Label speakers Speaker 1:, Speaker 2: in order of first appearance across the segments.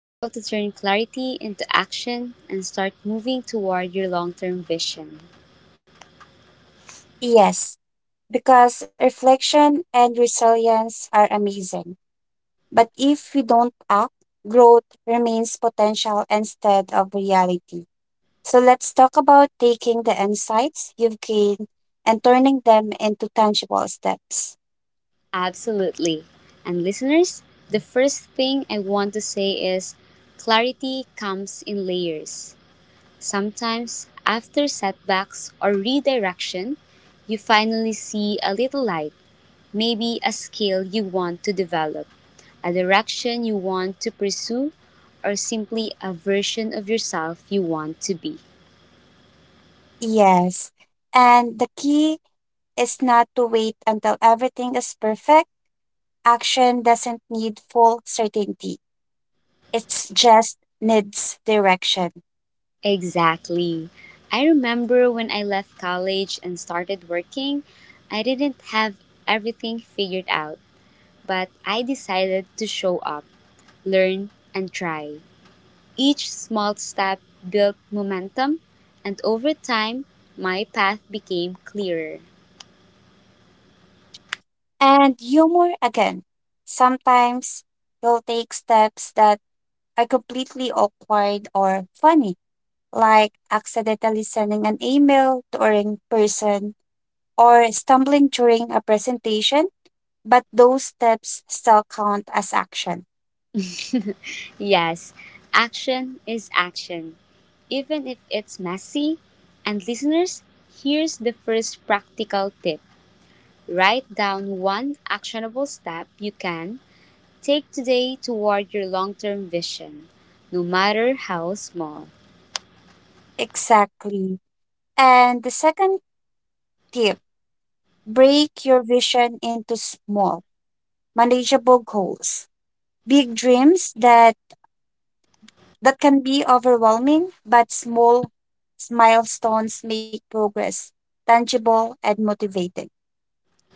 Speaker 1: how to turn clarity into action and start moving toward your long term vision.
Speaker 2: Yes, because reflection and resilience are amazing. But if we don't act, growth remains potential instead of reality. So let's talk about taking the insights you've gained and turning them into tangible steps.
Speaker 1: Absolutely. And listeners, the first thing I want to say is clarity comes in layers. Sometimes, after setbacks or redirection, you finally see a little light, maybe a skill you want to develop, a direction you want to pursue, or simply a version of yourself you want to be.
Speaker 2: Yes, and the key is not to wait until everything is perfect. Action doesn't need full certainty, it just needs direction.
Speaker 1: Exactly. I remember when I left college and started working, I didn't have everything figured out, but I decided to show up, learn, and try. Each small step built momentum, and over time, my path became clearer.
Speaker 2: And humor again. Sometimes he'll take steps that are completely awkward or funny, like accidentally sending an email to a wrong person or stumbling during a presentation, but those steps still count as action.
Speaker 1: Yes, action is action, even if it's messy. And listeners, here's the first practical tip write down one actionable step you can take today toward your long term vision, no matter how small.
Speaker 2: Exactly. And the second tip, break your vision into small, manageable goals. Big dreams that That can be overwhelming, but small milestones make progress tangible and motivating.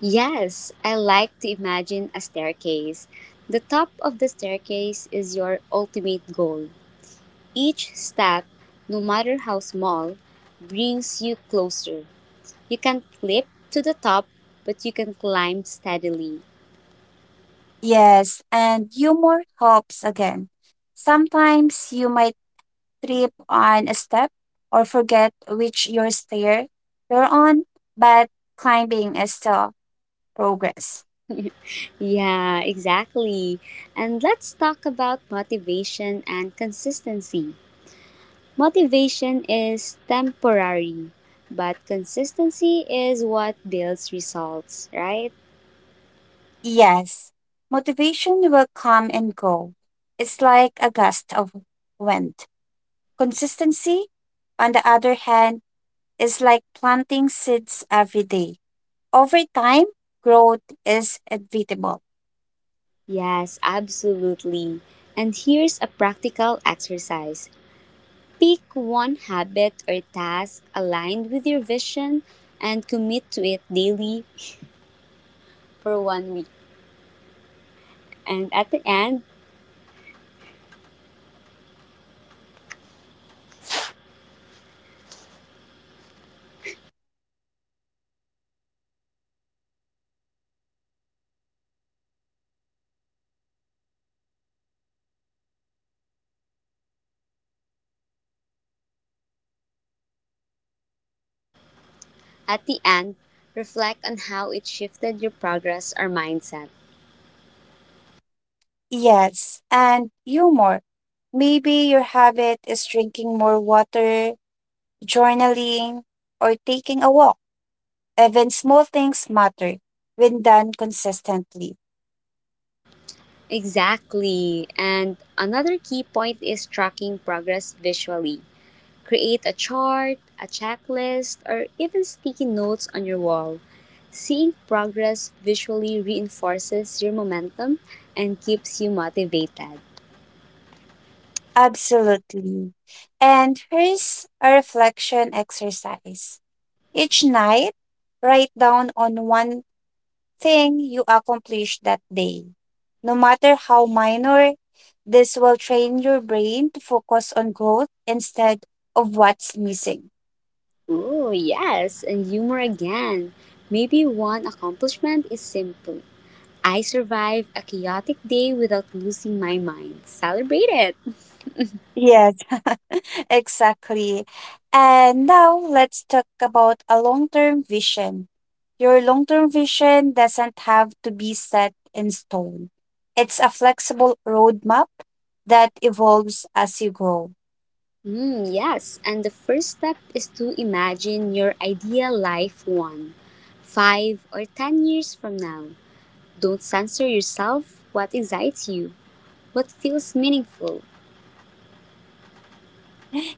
Speaker 1: Yes, I like to imagine a staircase. The top of the staircase is your ultimate goal. Each step, no matter how small, brings you closer. You can't leap to the top, but you can climb steadily.
Speaker 2: Yes, and humor helps again. Sometimes you might trip on a step or forget which your stair you're on, but climbing is still progress.
Speaker 1: Yeah, exactly. And let's talk about motivation and consistency. Motivation is temporary, but consistency is what builds results, right?
Speaker 2: Yes, motivation will come and go. It's like a gust of wind. Consistency, on the other hand, is like planting seeds every day. Over time, growth is inevitable.
Speaker 1: Yes, absolutely. And here's a practical exercise pick one habit or task aligned with your vision and commit to it daily for one week. And at the end, reflect on how it shifted your progress or mindset.
Speaker 2: Yes, and humor. Maybe your habit is drinking more water, journaling, or taking a walk. Even small things matter when done consistently.
Speaker 1: Exactly. And another key point is tracking progress visually. Create a chart, a checklist, or even sticky notes on your wall. Seeing progress visually reinforces your momentum and keeps you motivated.
Speaker 2: Absolutely. And here's a reflection exercise. Each night, write down on one thing you accomplished that day. No matter how minor, this will train your brain to focus on growth instead of what's missing.
Speaker 1: Oh, yes, and humor again. Maybe one accomplishment is simple I survived a chaotic day without losing my mind. Celebrate it!
Speaker 2: Yes, exactly. And now let's talk about a long term vision. Your long term vision doesn't have to be set in stone, it's a flexible roadmap that evolves as you grow.
Speaker 1: Mm, yes, and the first step is to imagine your ideal life one, 5 or 10 years from now. Don't censor yourself what excites you, what feels meaningful.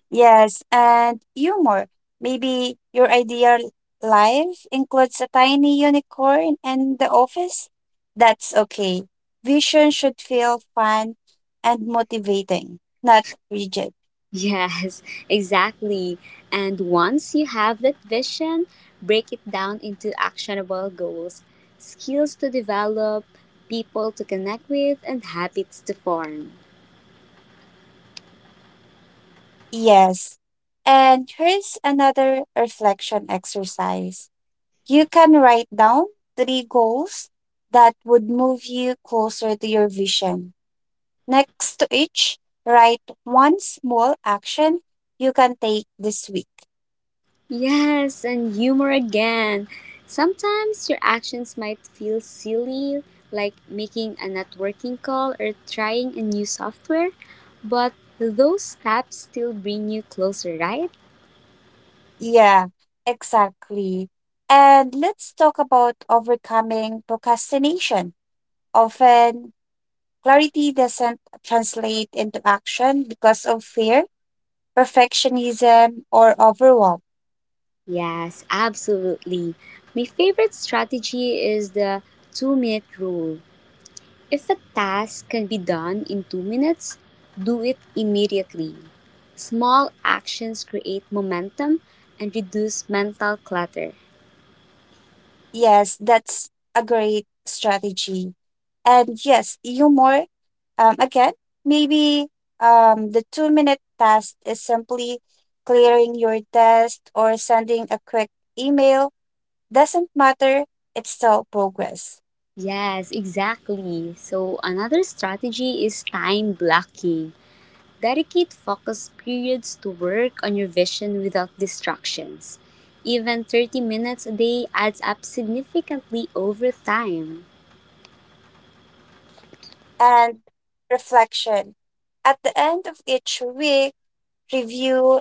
Speaker 2: Yes, and humor. Maybe your ideal life includes a tiny unicorn and the office? That's okay. Vision should feel fun and motivating, not rigid.
Speaker 1: Yes, exactly. And once you have that vision, break it down into actionable goals, skills to develop, people to connect with, and habits to form.
Speaker 2: Yes. And here's another reflection exercise. You can write down three goals that would move you closer to your vision. Next to each, write one small action you can take this week.
Speaker 1: Yes, and humor again. Sometimes your actions might feel silly, like making a networking call or trying a new software, but those steps still bring you closer, right?
Speaker 2: Yeah, exactly. And let's talk about overcoming procrastination. Often, clarity doesn't translate into action because of fear, perfectionism, or overwhelm.
Speaker 1: Yes, absolutely. My favorite strategy is the 2-minute rule. If a task can be done in 2 minutes, do it immediately. Small actions create momentum and reduce mental clutter.
Speaker 2: Yes, that's a great strategy. And yes, humor again, maybe the 2-minute task is simply clearing your test or sending a quick email. Doesn't matter, it's still progress.
Speaker 1: Yes, exactly. So, another strategy is time blocking. Dedicate focus periods to work on your vision without distractions. Even 30 minutes a day adds up significantly over time.
Speaker 2: And reflection. At the end of each week, review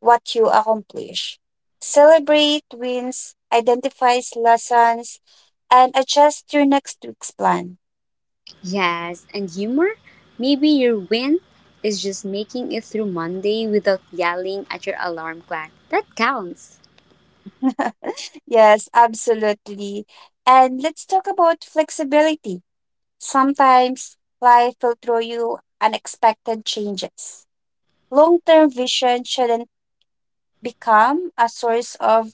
Speaker 2: what you accomplish. Celebrate wins, identifies lessons, and adjust your next week's plan.
Speaker 1: Yes, and humor? Maybe your win is just making it through Monday without yelling at your alarm clock. That counts.
Speaker 2: Yes, absolutely. And let's talk about flexibility. Sometimes life will throw you unexpected changes. Long term vision shouldn't become a source of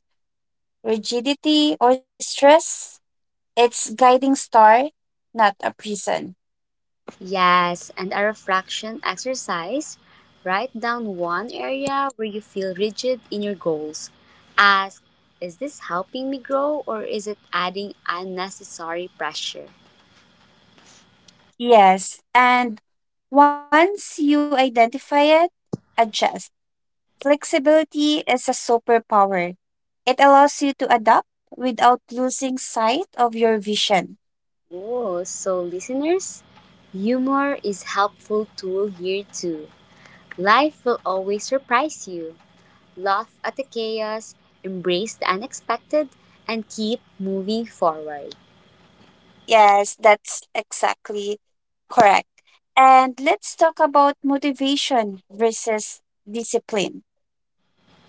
Speaker 2: rigidity or stress. It's guiding star, not a prison.
Speaker 1: Yes, and a refraction exercise. Write down one area where you feel rigid in your goals. Ask, is this helping me grow or is it adding unnecessary pressure?
Speaker 2: Yes, and once you identify it, adjust. Flexibility is a superpower. It allows you to adapt without losing sight of your vision.
Speaker 1: Oh, so listeners, humor is helpful tool here too. Life will always surprise you. Laugh at the chaos, embrace the unexpected, and keep moving forward.
Speaker 2: Yes, that's exactly correct. And let's talk about motivation versus discipline.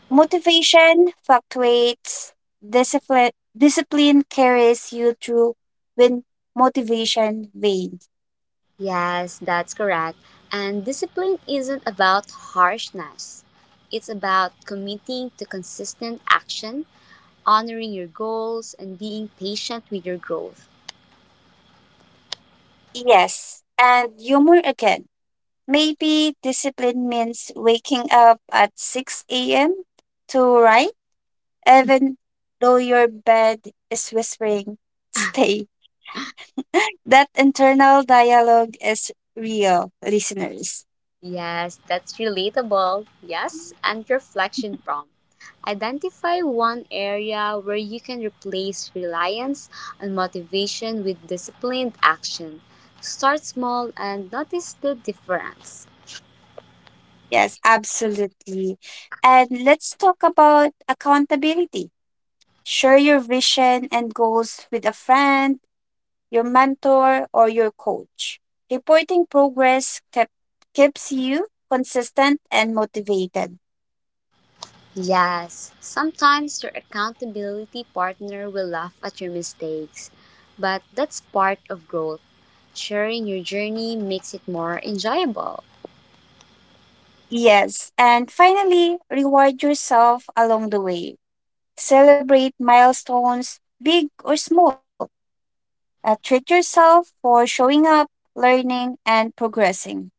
Speaker 2: Motivation fluctuates, discipline carries you through when motivation wanes.
Speaker 1: Yes, that's correct. And discipline isn't about harshness. It's about committing to consistent action, honoring your goals, and being patient with your growth.
Speaker 2: Yes, and humor again. Maybe discipline means waking up at 6 a.m. to write, even though your bed is whispering, stay. That internal dialogue is real, listeners.
Speaker 1: Yes, that's relatable. Yes, and reflection prompt. Identify one area where you can replace reliance on motivation with disciplined action. Start small and notice the difference.
Speaker 2: Yes, absolutely. And let's talk about accountability. Share your vision and goals with a friend, your mentor, or your coach. Reporting progress keeps you consistent and motivated.
Speaker 1: Yes, sometimes your accountability partner will laugh at your mistakes, but that's part of growth. Sharing your journey makes it more enjoyable.
Speaker 2: Yes, and finally, reward yourself along the way. Celebrate milestones, big or small. Treat yourself for showing up, learning, and progressing.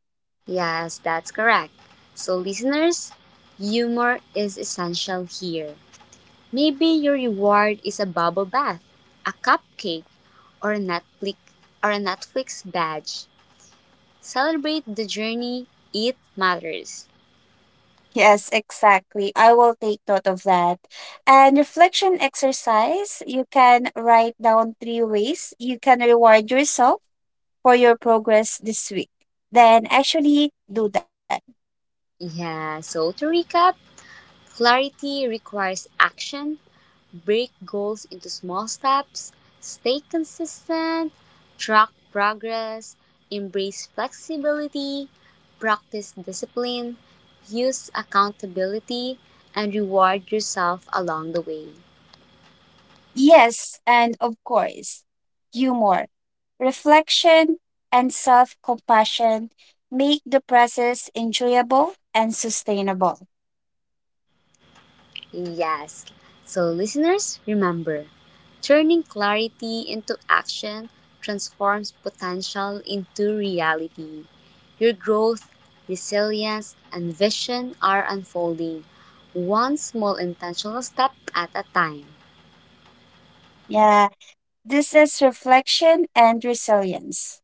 Speaker 1: Yes, that's correct. So, listeners, humor is essential here. Maybe your reward is a bubble bath, a cupcake, or a Netflix or a Netflix badge. Celebrate the journey. It matters.
Speaker 2: Yes, exactly. I will take note of that. And reflection exercise, you can write down three ways you can reward yourself for your progress this week, then actually do that.
Speaker 1: Yeah. So to recap, clarity requires action. Break goals into small steps. Stay consistent. Track progress. Embrace flexibility. Practice discipline. Use accountability and reward yourself along the way.
Speaker 2: Yes, and of course, humor, reflection, and self compassion make the process enjoyable and sustainable.
Speaker 1: Yes. So, listeners, remember turning clarity into action transforms potential into reality. Your growth, resilience, and vision are unfolding one small intentional step at a time.
Speaker 2: Yeah, this is reflection and resilience.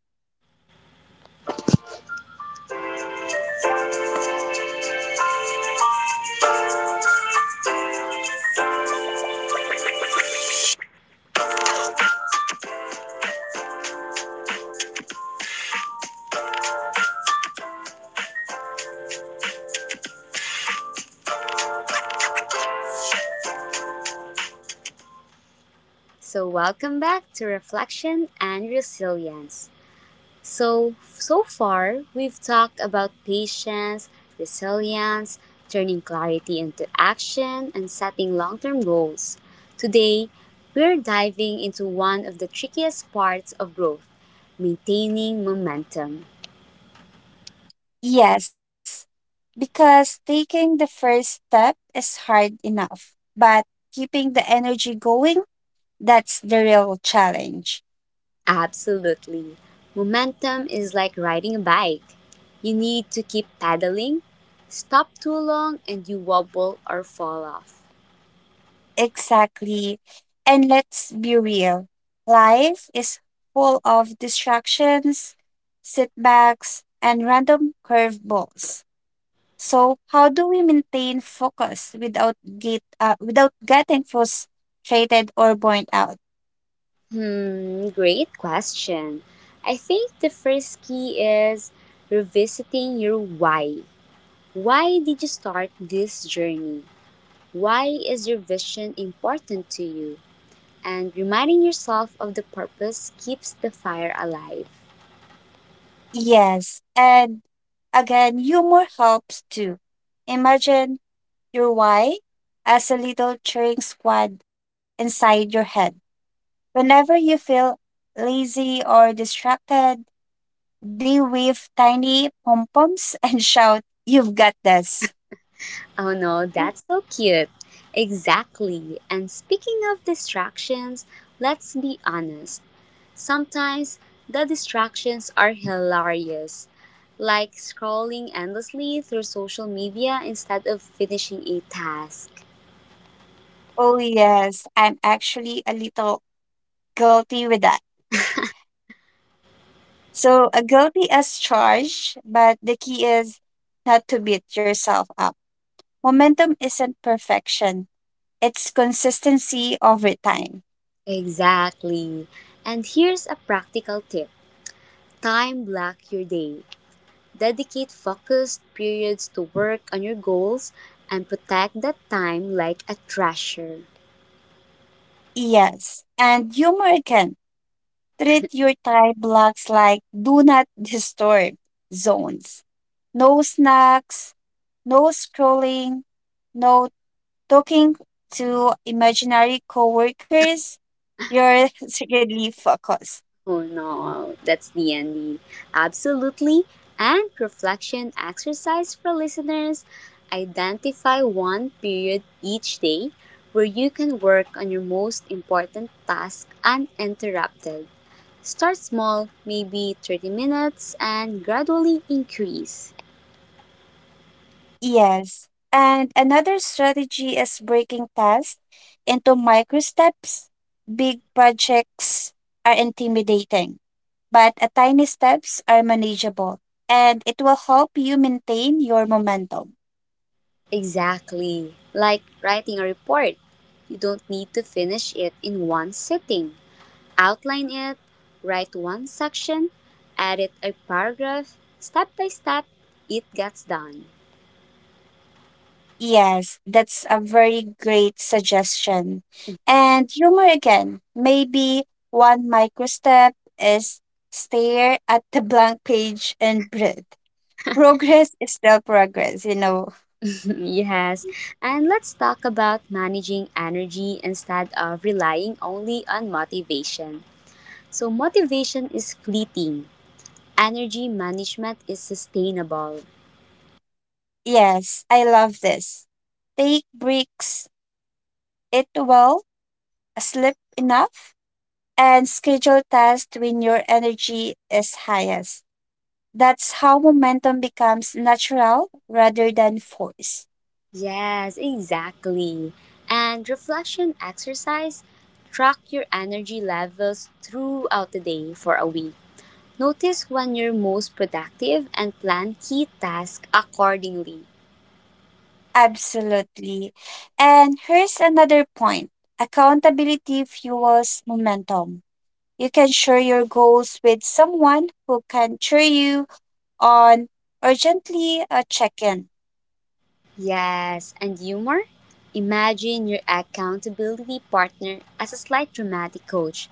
Speaker 1: So, welcome back to Reflection and Resilience. So, so far, we've talked about patience, resilience, turning clarity into action, and setting long term goals. Today, we're diving into one of the trickiest parts of growth maintaining momentum.
Speaker 2: Yes, because taking the first step is hard enough, but keeping the energy going, that's the real challenge.
Speaker 1: Absolutely. Momentum is like riding a bike. You need to keep pedaling, stop too long, and you wobble or fall off.
Speaker 2: Exactly. And let's be real, life is full of distractions, setbacks, and random curveballs. So, how do we maintain focus without get without getting frustrated or burnt out?
Speaker 1: Hmm, great question. I think the first key is revisiting your why. Why did you start this journey? Why is your vision important to you? And reminding yourself of the purpose keeps the fire alive.
Speaker 2: Yes, and again, humor helps too. Imagine your why as a little cheering squad inside your head. Whenever you feel lazy or distracted, they wave tiny pom poms and shout, you've got this.
Speaker 1: Oh no, that's so cute. Exactly. And speaking of distractions, let's be honest. Sometimes the distractions are hilarious, like scrolling endlessly through social media instead of finishing a task.
Speaker 2: Oh, yes, I'm actually a little guilty with that. So, a guilty as charged, but the key is not to beat yourself up. Momentum isn't perfection, it's consistency over time.
Speaker 1: Exactly. And here's a practical tip time block your day. Dedicate focused periods to work on your goals and protect that time like a treasure.
Speaker 2: Yes, and humor again. Treat your time blocks like do not disturb zones. No snacks, no scrolling, no talking to imaginary coworkers. You're secretly focused.
Speaker 1: Oh no, that's the ending. Absolutely. And reflection exercise for listeners. Identify one period each day where you can work on your most important task uninterrupted. Start small, maybe 30 minutes, and gradually increase.
Speaker 2: Yes. And another strategy is breaking tasks into micro steps. Big projects are intimidating, but a tiny steps are manageable, and it will help you maintain your momentum.
Speaker 1: Exactly. Like writing a report. You don't need to finish it in one sitting. Outline it, write one section, edit a paragraph, step by step, it gets done.
Speaker 2: Yes, that's a very great suggestion. And humor again. Maybe one micro step is stare at the blank page and breathe. Progress is still progress,
Speaker 1: yes, and let's talk about managing energy instead of relying only on motivation. So, motivation is fleeting, energy management is sustainable.
Speaker 2: Yes, I love this. Take breaks, It well, sleep enough, and schedule tasks when your energy is highest. That's how momentum becomes natural rather than forced.
Speaker 1: Yes, exactly. And reflection exercise track your energy levels throughout the day for a week. Notice when you're most productive and plan key tasks accordingly.
Speaker 2: Absolutely. And here's another point, accountability fuels momentum. You can share your goals with someone who can cheer you on or gently check in.
Speaker 1: Yes, and humor? Imagine your accountability partner as a slight dramatic coach.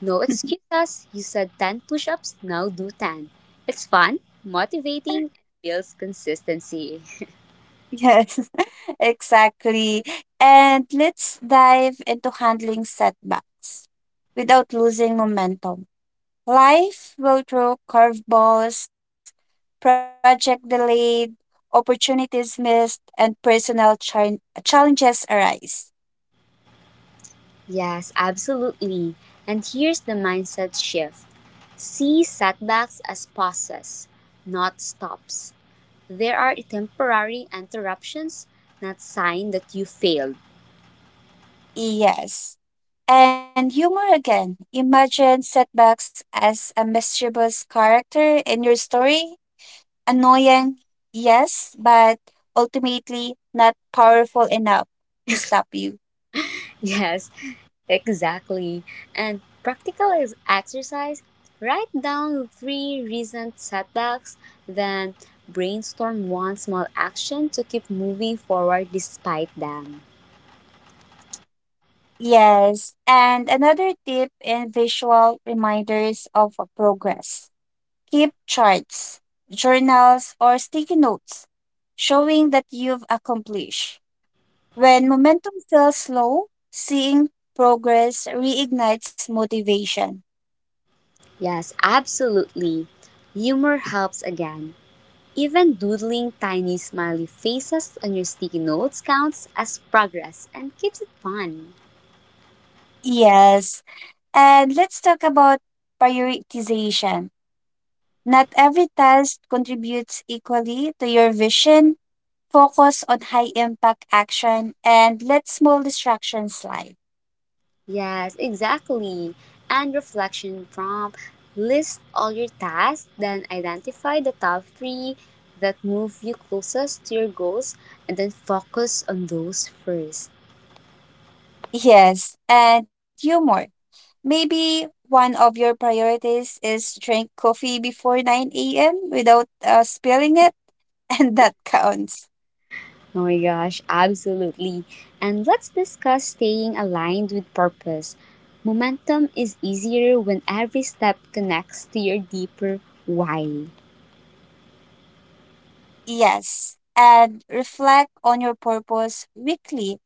Speaker 1: No excuses, you said 10 push ups, now do 10. It's fun, motivating, and builds consistency.
Speaker 2: Yes, exactly. And let's dive into handling setbacks without losing momentum. Life will throw curveballs, project delayed, opportunities missed, and personal challenges arise.
Speaker 1: Yes, absolutely. And here's the mindset shift see setbacks as pauses, not stops. There are temporary interruptions, not sign that you failed.
Speaker 2: Yes. And humor again. Imagine setbacks as a mischievous character in your story. Annoying, yes, but ultimately not powerful enough to stop you.
Speaker 1: Yes, exactly. And practical exercise write down three recent setbacks, then brainstorm one small action to keep moving forward despite them.
Speaker 2: Yes. And another tip in visual reminders of a progress. Keep charts, journals, or sticky notes showing that you've accomplished. When momentum feels slow, seeing progress reignites motivation.
Speaker 1: Yes, absolutely. Humor helps again. Even doodling tiny smiley faces on your sticky notes counts as progress and keeps it fun.
Speaker 2: Yes. And let's talk about prioritization. Not every task contributes equally to your vision. Focus on high impact action and let small distractions slide.
Speaker 1: Yes, exactly. And reflection prompt list all your tasks, then identify the top three that move you closest to your goals, and then focus on those first.
Speaker 2: Yes. And humor. Maybe one of your priorities is drink coffee before 9 a.m. without spilling it, and that counts.
Speaker 1: Oh my gosh, absolutely. And let's discuss staying aligned with purpose. Momentum is easier when every step connects to your deeper why.
Speaker 2: Yes. And reflect on your purpose weekly.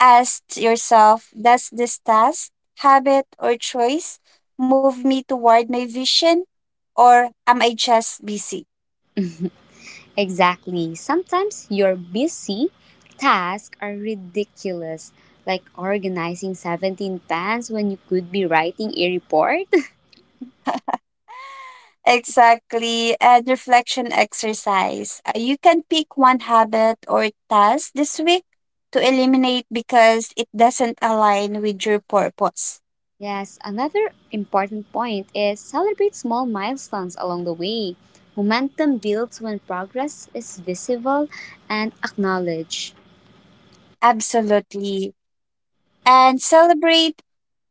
Speaker 2: Ask yourself, does this task, habit, or choice move me toward my vision, or am I just busy?
Speaker 1: Exactly. Sometimes your busy tasks are ridiculous, like organizing 17 pans when you could be writing a report.
Speaker 2: Exactly. And reflection exercise. You can pick one habit or task this week to eliminate because it doesn't align with your purpose.
Speaker 1: Yes, another important point is celebrate small milestones along the way. Momentum builds when progress is visible and acknowledged.
Speaker 2: Absolutely. And celebrate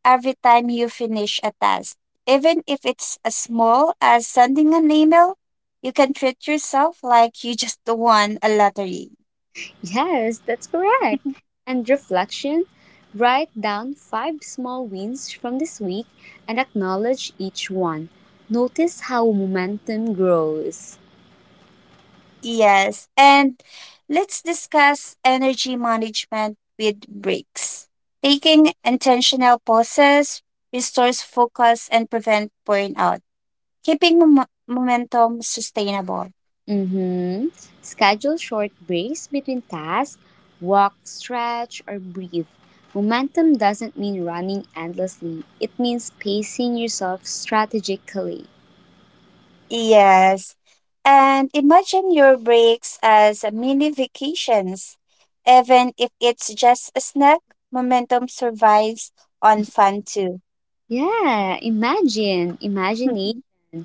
Speaker 2: every time you finish a task. Even if it's as small as sending an email, you can treat yourself like you just won a lottery.
Speaker 1: Yes, that's correct. And reflection write down five small wins from this week and acknowledge each one. Notice how momentum grows.
Speaker 2: Yes, and let's discuss energy management with breaks. Taking intentional pauses restores focus and prevent burnout, keeping momentum sustainable.
Speaker 1: Mm-hmm. Schedule short breaks between tasks, walk, stretch, or breathe. Momentum doesn't mean running endlessly, it means pacing yourself strategically.
Speaker 2: Yes, and imagine your breaks as mini vacations. Even if it's just a snack, momentum survives on fun too.
Speaker 1: Yeah, imagine.
Speaker 2: Hı hı.
Speaker 1: Imagination.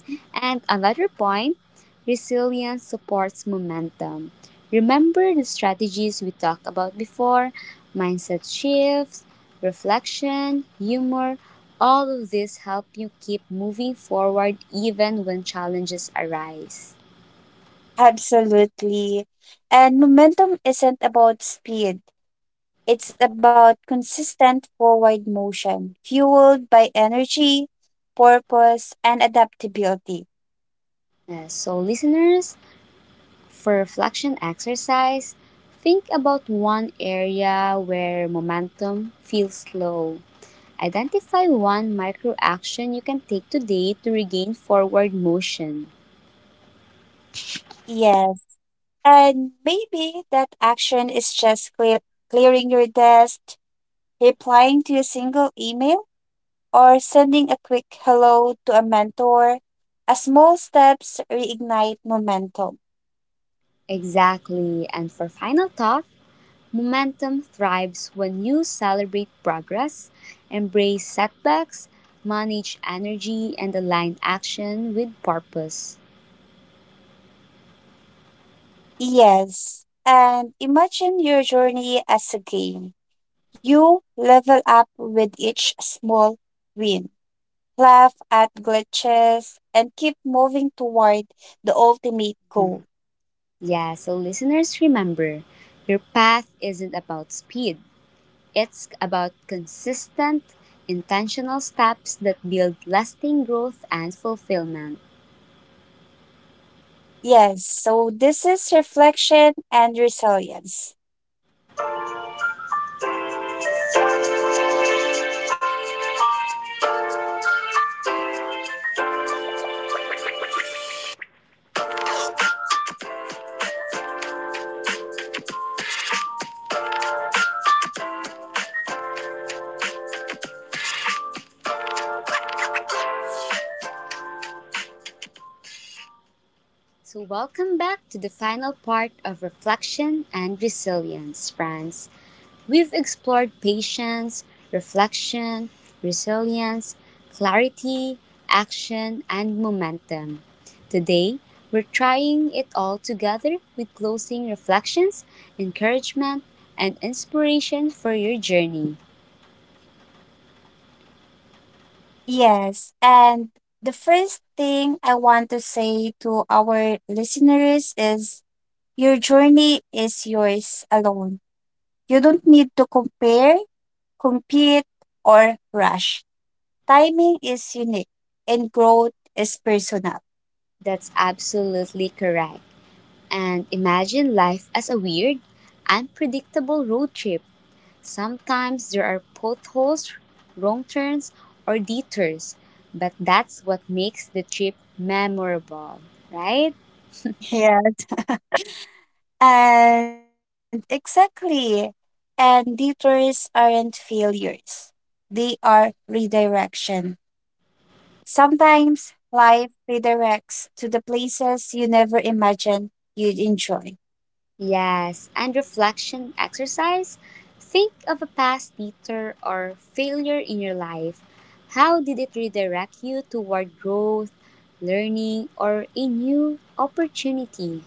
Speaker 2: Hı.
Speaker 1: And another point resilience supports momentum. Remember the strategies we talked about before mindset shifts, reflection, humor. All of these help you keep moving forward even when challenges arise.
Speaker 2: Absolutely. And momentum isn't about speed, it's about consistent forward motion, fueled by energy, purpose, and adaptability.
Speaker 1: So, listeners, for reflection exercise, think about one area where momentum feels slow. Identify one micro action you can take today to regain forward motion.
Speaker 2: Yes. And maybe that action is just clearing your desk, replying to a single email, or sending a quick hello to a mentor. A small steps reignite momentum.
Speaker 1: Exactly. And for final thought, momentum thrives when you celebrate progress, embrace setbacks, manage energy, and align action with purpose.
Speaker 2: Yes. And imagine your journey as a game. You level up with each small win, laugh at glitches, and keep moving toward the ultimate
Speaker 1: Mhm.
Speaker 2: goal.
Speaker 1: Yeah, so listeners, remember your path isn't about speed, it's about consistent, intentional steps that build lasting growth and fulfillment.
Speaker 2: Yes, so this is reflection and resilience.
Speaker 1: So, welcome back to the final part of reflection and resilience, friends. We've explored patience, reflection, resilience, clarity, action, and momentum. Today, we're trying it all together with closing reflections, encouragement, and inspiration for your journey.
Speaker 2: Yes, and the first thing I want to say to our listeners is your journey is yours alone. You don't need to compare, compete, or rush. Timing is unique and growth is personal.
Speaker 1: That's absolutely correct. And imagine life as a weird, unpredictable road trip. Sometimes there are potholes, wrong turns, or detours, but that's what makes the trip memorable, right?
Speaker 2: Yeah, and exactly. And detours aren't failures, they are redirection. Sometimes life redirects to the places you never imagined you'd enjoy.
Speaker 1: Yes, and reflection exercise. Think of a past detour or failure in your life. How did it redirect you toward growth, learning, or a new opportunity?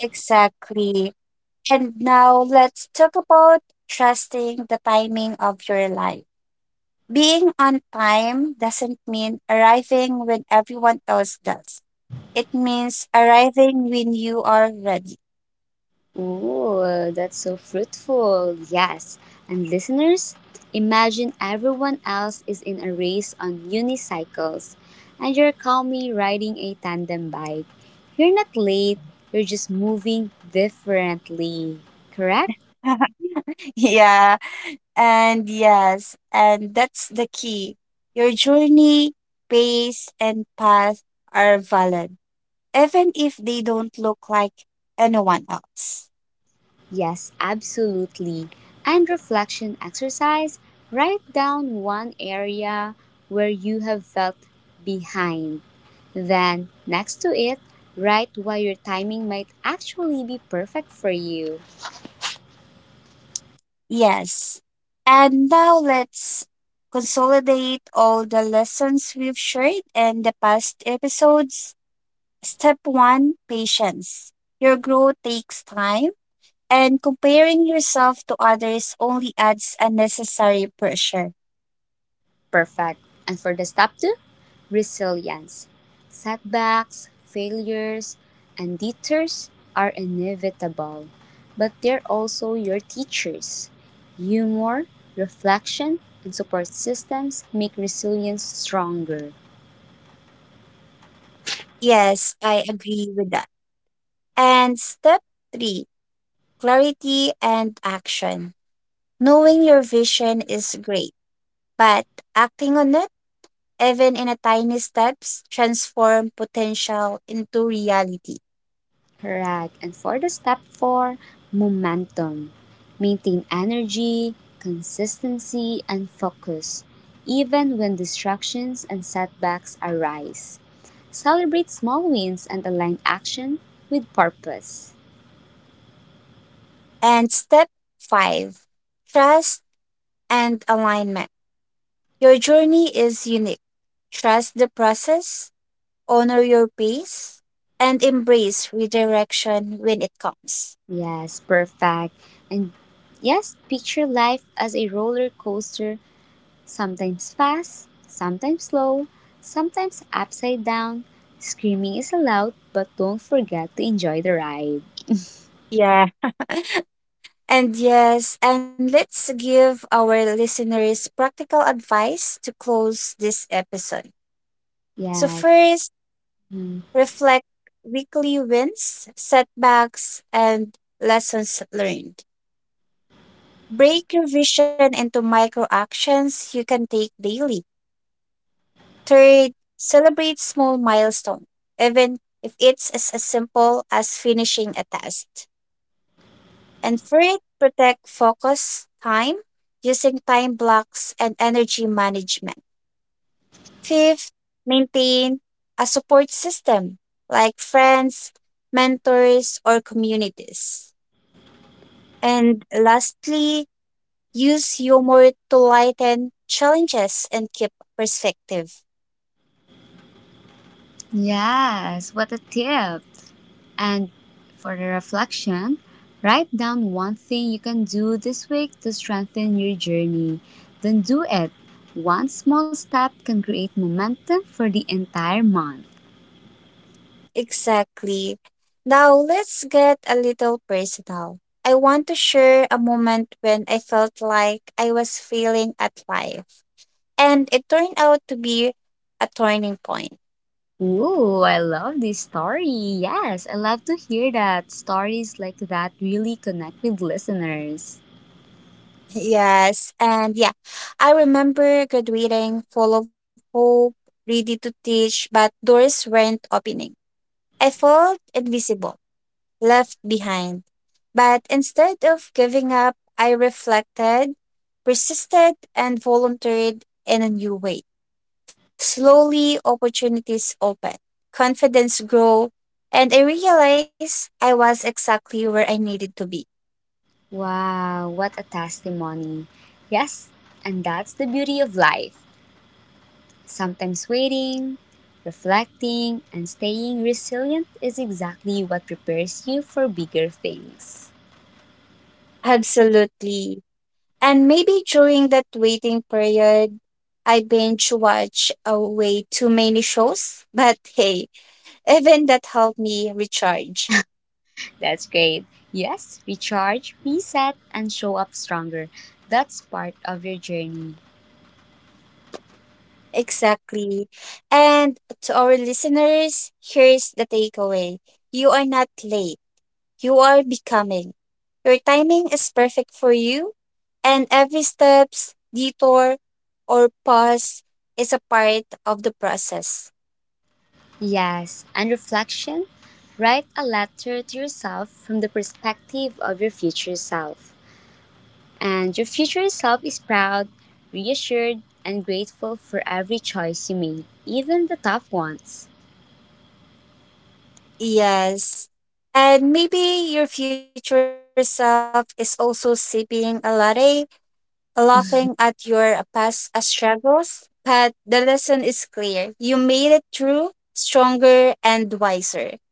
Speaker 2: Exactly. And now let's talk about trusting the timing of your life. Being on time doesn't mean arriving when everyone else does, it means arriving when you are ready.
Speaker 1: Oh, that's so fruitful. Yes. And listeners, imagine everyone else is in a race on unicycles and you're calmly riding a tandem bike. You're not late, you're just moving differently. Correct?
Speaker 2: Yeah. And yes, and that's the key. Your journey, pace, and path are valid, even if they don't look like anyone else.
Speaker 1: Yes, absolutely. And reflection exercise write down one area where you have felt behind. Then, next to it, write why your timing might actually be perfect for you.
Speaker 2: Yes. And now let's consolidate all the lessons we've shared in the past episodes. Step one, patience. Your growth takes time, and comparing yourself to others only adds unnecessary pressure.
Speaker 1: Perfect. And for the step two, resilience. Setbacks, failures, and detours are inevitable, but they're also your teachers. Humor, reflection, and support systems make resilience stronger.
Speaker 2: Yes, I agree with that. And step three, clarity and action. Knowing your vision is great, but acting on it, even in a tiny steps, transform potential into reality.
Speaker 1: Right. And for the step four, momentum. Maintain energy, consistency, and focus, even when distractions and setbacks arise. Celebrate small wins and align action with purpose.
Speaker 2: And step five, trust and alignment. Your journey is unique. Trust the process, honor your pace, and embrace redirection when it comes.
Speaker 1: Yes, perfect. And yes, picture life as a roller coaster, sometimes fast, sometimes slow, sometimes upside down. Screaming is allowed, but don't forget to enjoy the ride.
Speaker 2: Yeah. And yes, and let's give our listeners practical advice to close this episode. So,
Speaker 1: Yes.
Speaker 2: first,
Speaker 1: Mm.
Speaker 2: reflect weekly wins, setbacks, and lessons learned. Break your vision into micro actions you can take daily. Third, celebrate small milestones, even if it's as simple as finishing a task. And three, protect focus time using time blocks and energy management. Fifth, maintain a support system like friends, mentors, or communities. And lastly, use humor to lighten challenges and keep perspective.
Speaker 1: Yes, what a tip. And for the reflection, write down one thing you can do this week to strengthen your journey. Then do it. One small step can create momentum for the entire month.
Speaker 2: Exactly. Now let's get a little personal. I want to share a moment when I felt like I was failing at life. And it turned out to be a turning point.
Speaker 1: Ooh, I love this story. Yes, I love to hear that stories like that really connect with listeners.
Speaker 2: Yes. And yeah, I remember graduating full of hope, ready to teach, but doors weren't opening. I felt invisible, left behind. But instead of giving up, I reflected, persisted, and volunteered in a new way. Slowly, opportunities opened, confidence grew, and I realized I was exactly where I needed to be.
Speaker 1: Wow, what a testimony. Yes, and that's the beauty of life. Sometimes waiting, reflecting, and staying resilient is exactly what prepares you for bigger things.
Speaker 2: Absolutely. And maybe during that waiting period, I binge watch way too many shows. But hey, even that helped me recharge.
Speaker 1: That's great. Yes, recharge, reset, and show up stronger. That's part of your journey.
Speaker 2: Exactly. And to our listeners, here's the takeaway. You are not late. You are becoming. Your timing is perfect for you, and every steps, detour, or pause is a part of the process.
Speaker 1: Yes, and reflection. Write a letter to yourself from the perspective of your future self. And your future self is proud, reassured, and grateful for every choice you made, even the tough ones.
Speaker 2: Yes. And maybe your future self is also sipping a latte laughing at your past struggles, but the lesson is clear. You made it through stronger and wiser.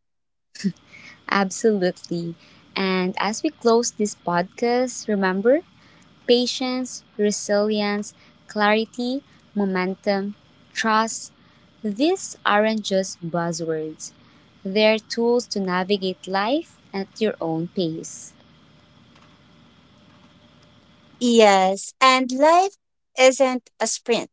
Speaker 1: Absolutely. And as we close this podcast, remember patience, resilience, clarity, momentum, trust. These aren't just buzzwords, they're tools to navigate life at your own pace.
Speaker 2: Yes, and life isn't a sprint,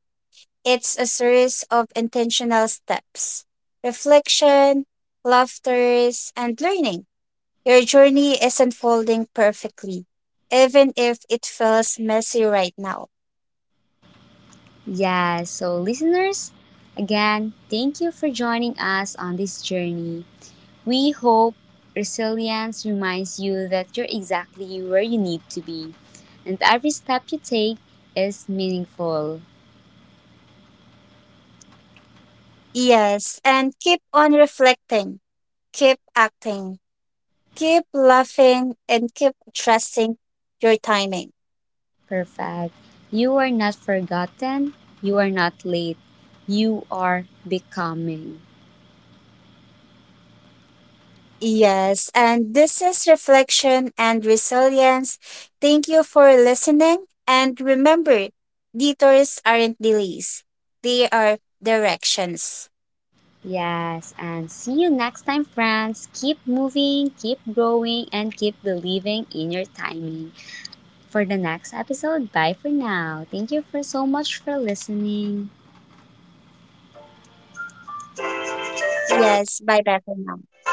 Speaker 2: it's a series of intentional steps, reflection, laughters, and learning. Your journey is unfolding perfectly, even if it feels messy right now.
Speaker 1: Yeah, so listeners, again, thank you for joining us on this journey. We hope resilience reminds you that you're exactly where you need to be, and every step you take is meaningful.
Speaker 2: Yes, and keep on reflecting, keep acting, keep laughing and keep trusting your timing.
Speaker 1: Perfect. You are not forgotten, you are not late, you are becoming.
Speaker 2: Yes, and this is reflection and resilience. Thank you for listening. And remember, detours aren't delays, they are directions.
Speaker 1: Yes, and see you next time, friends. Keep moving, keep growing, and keep believing in your timing. For the next episode, bye for now. Thank you for so much for listening.
Speaker 2: Yes, bye bye for now.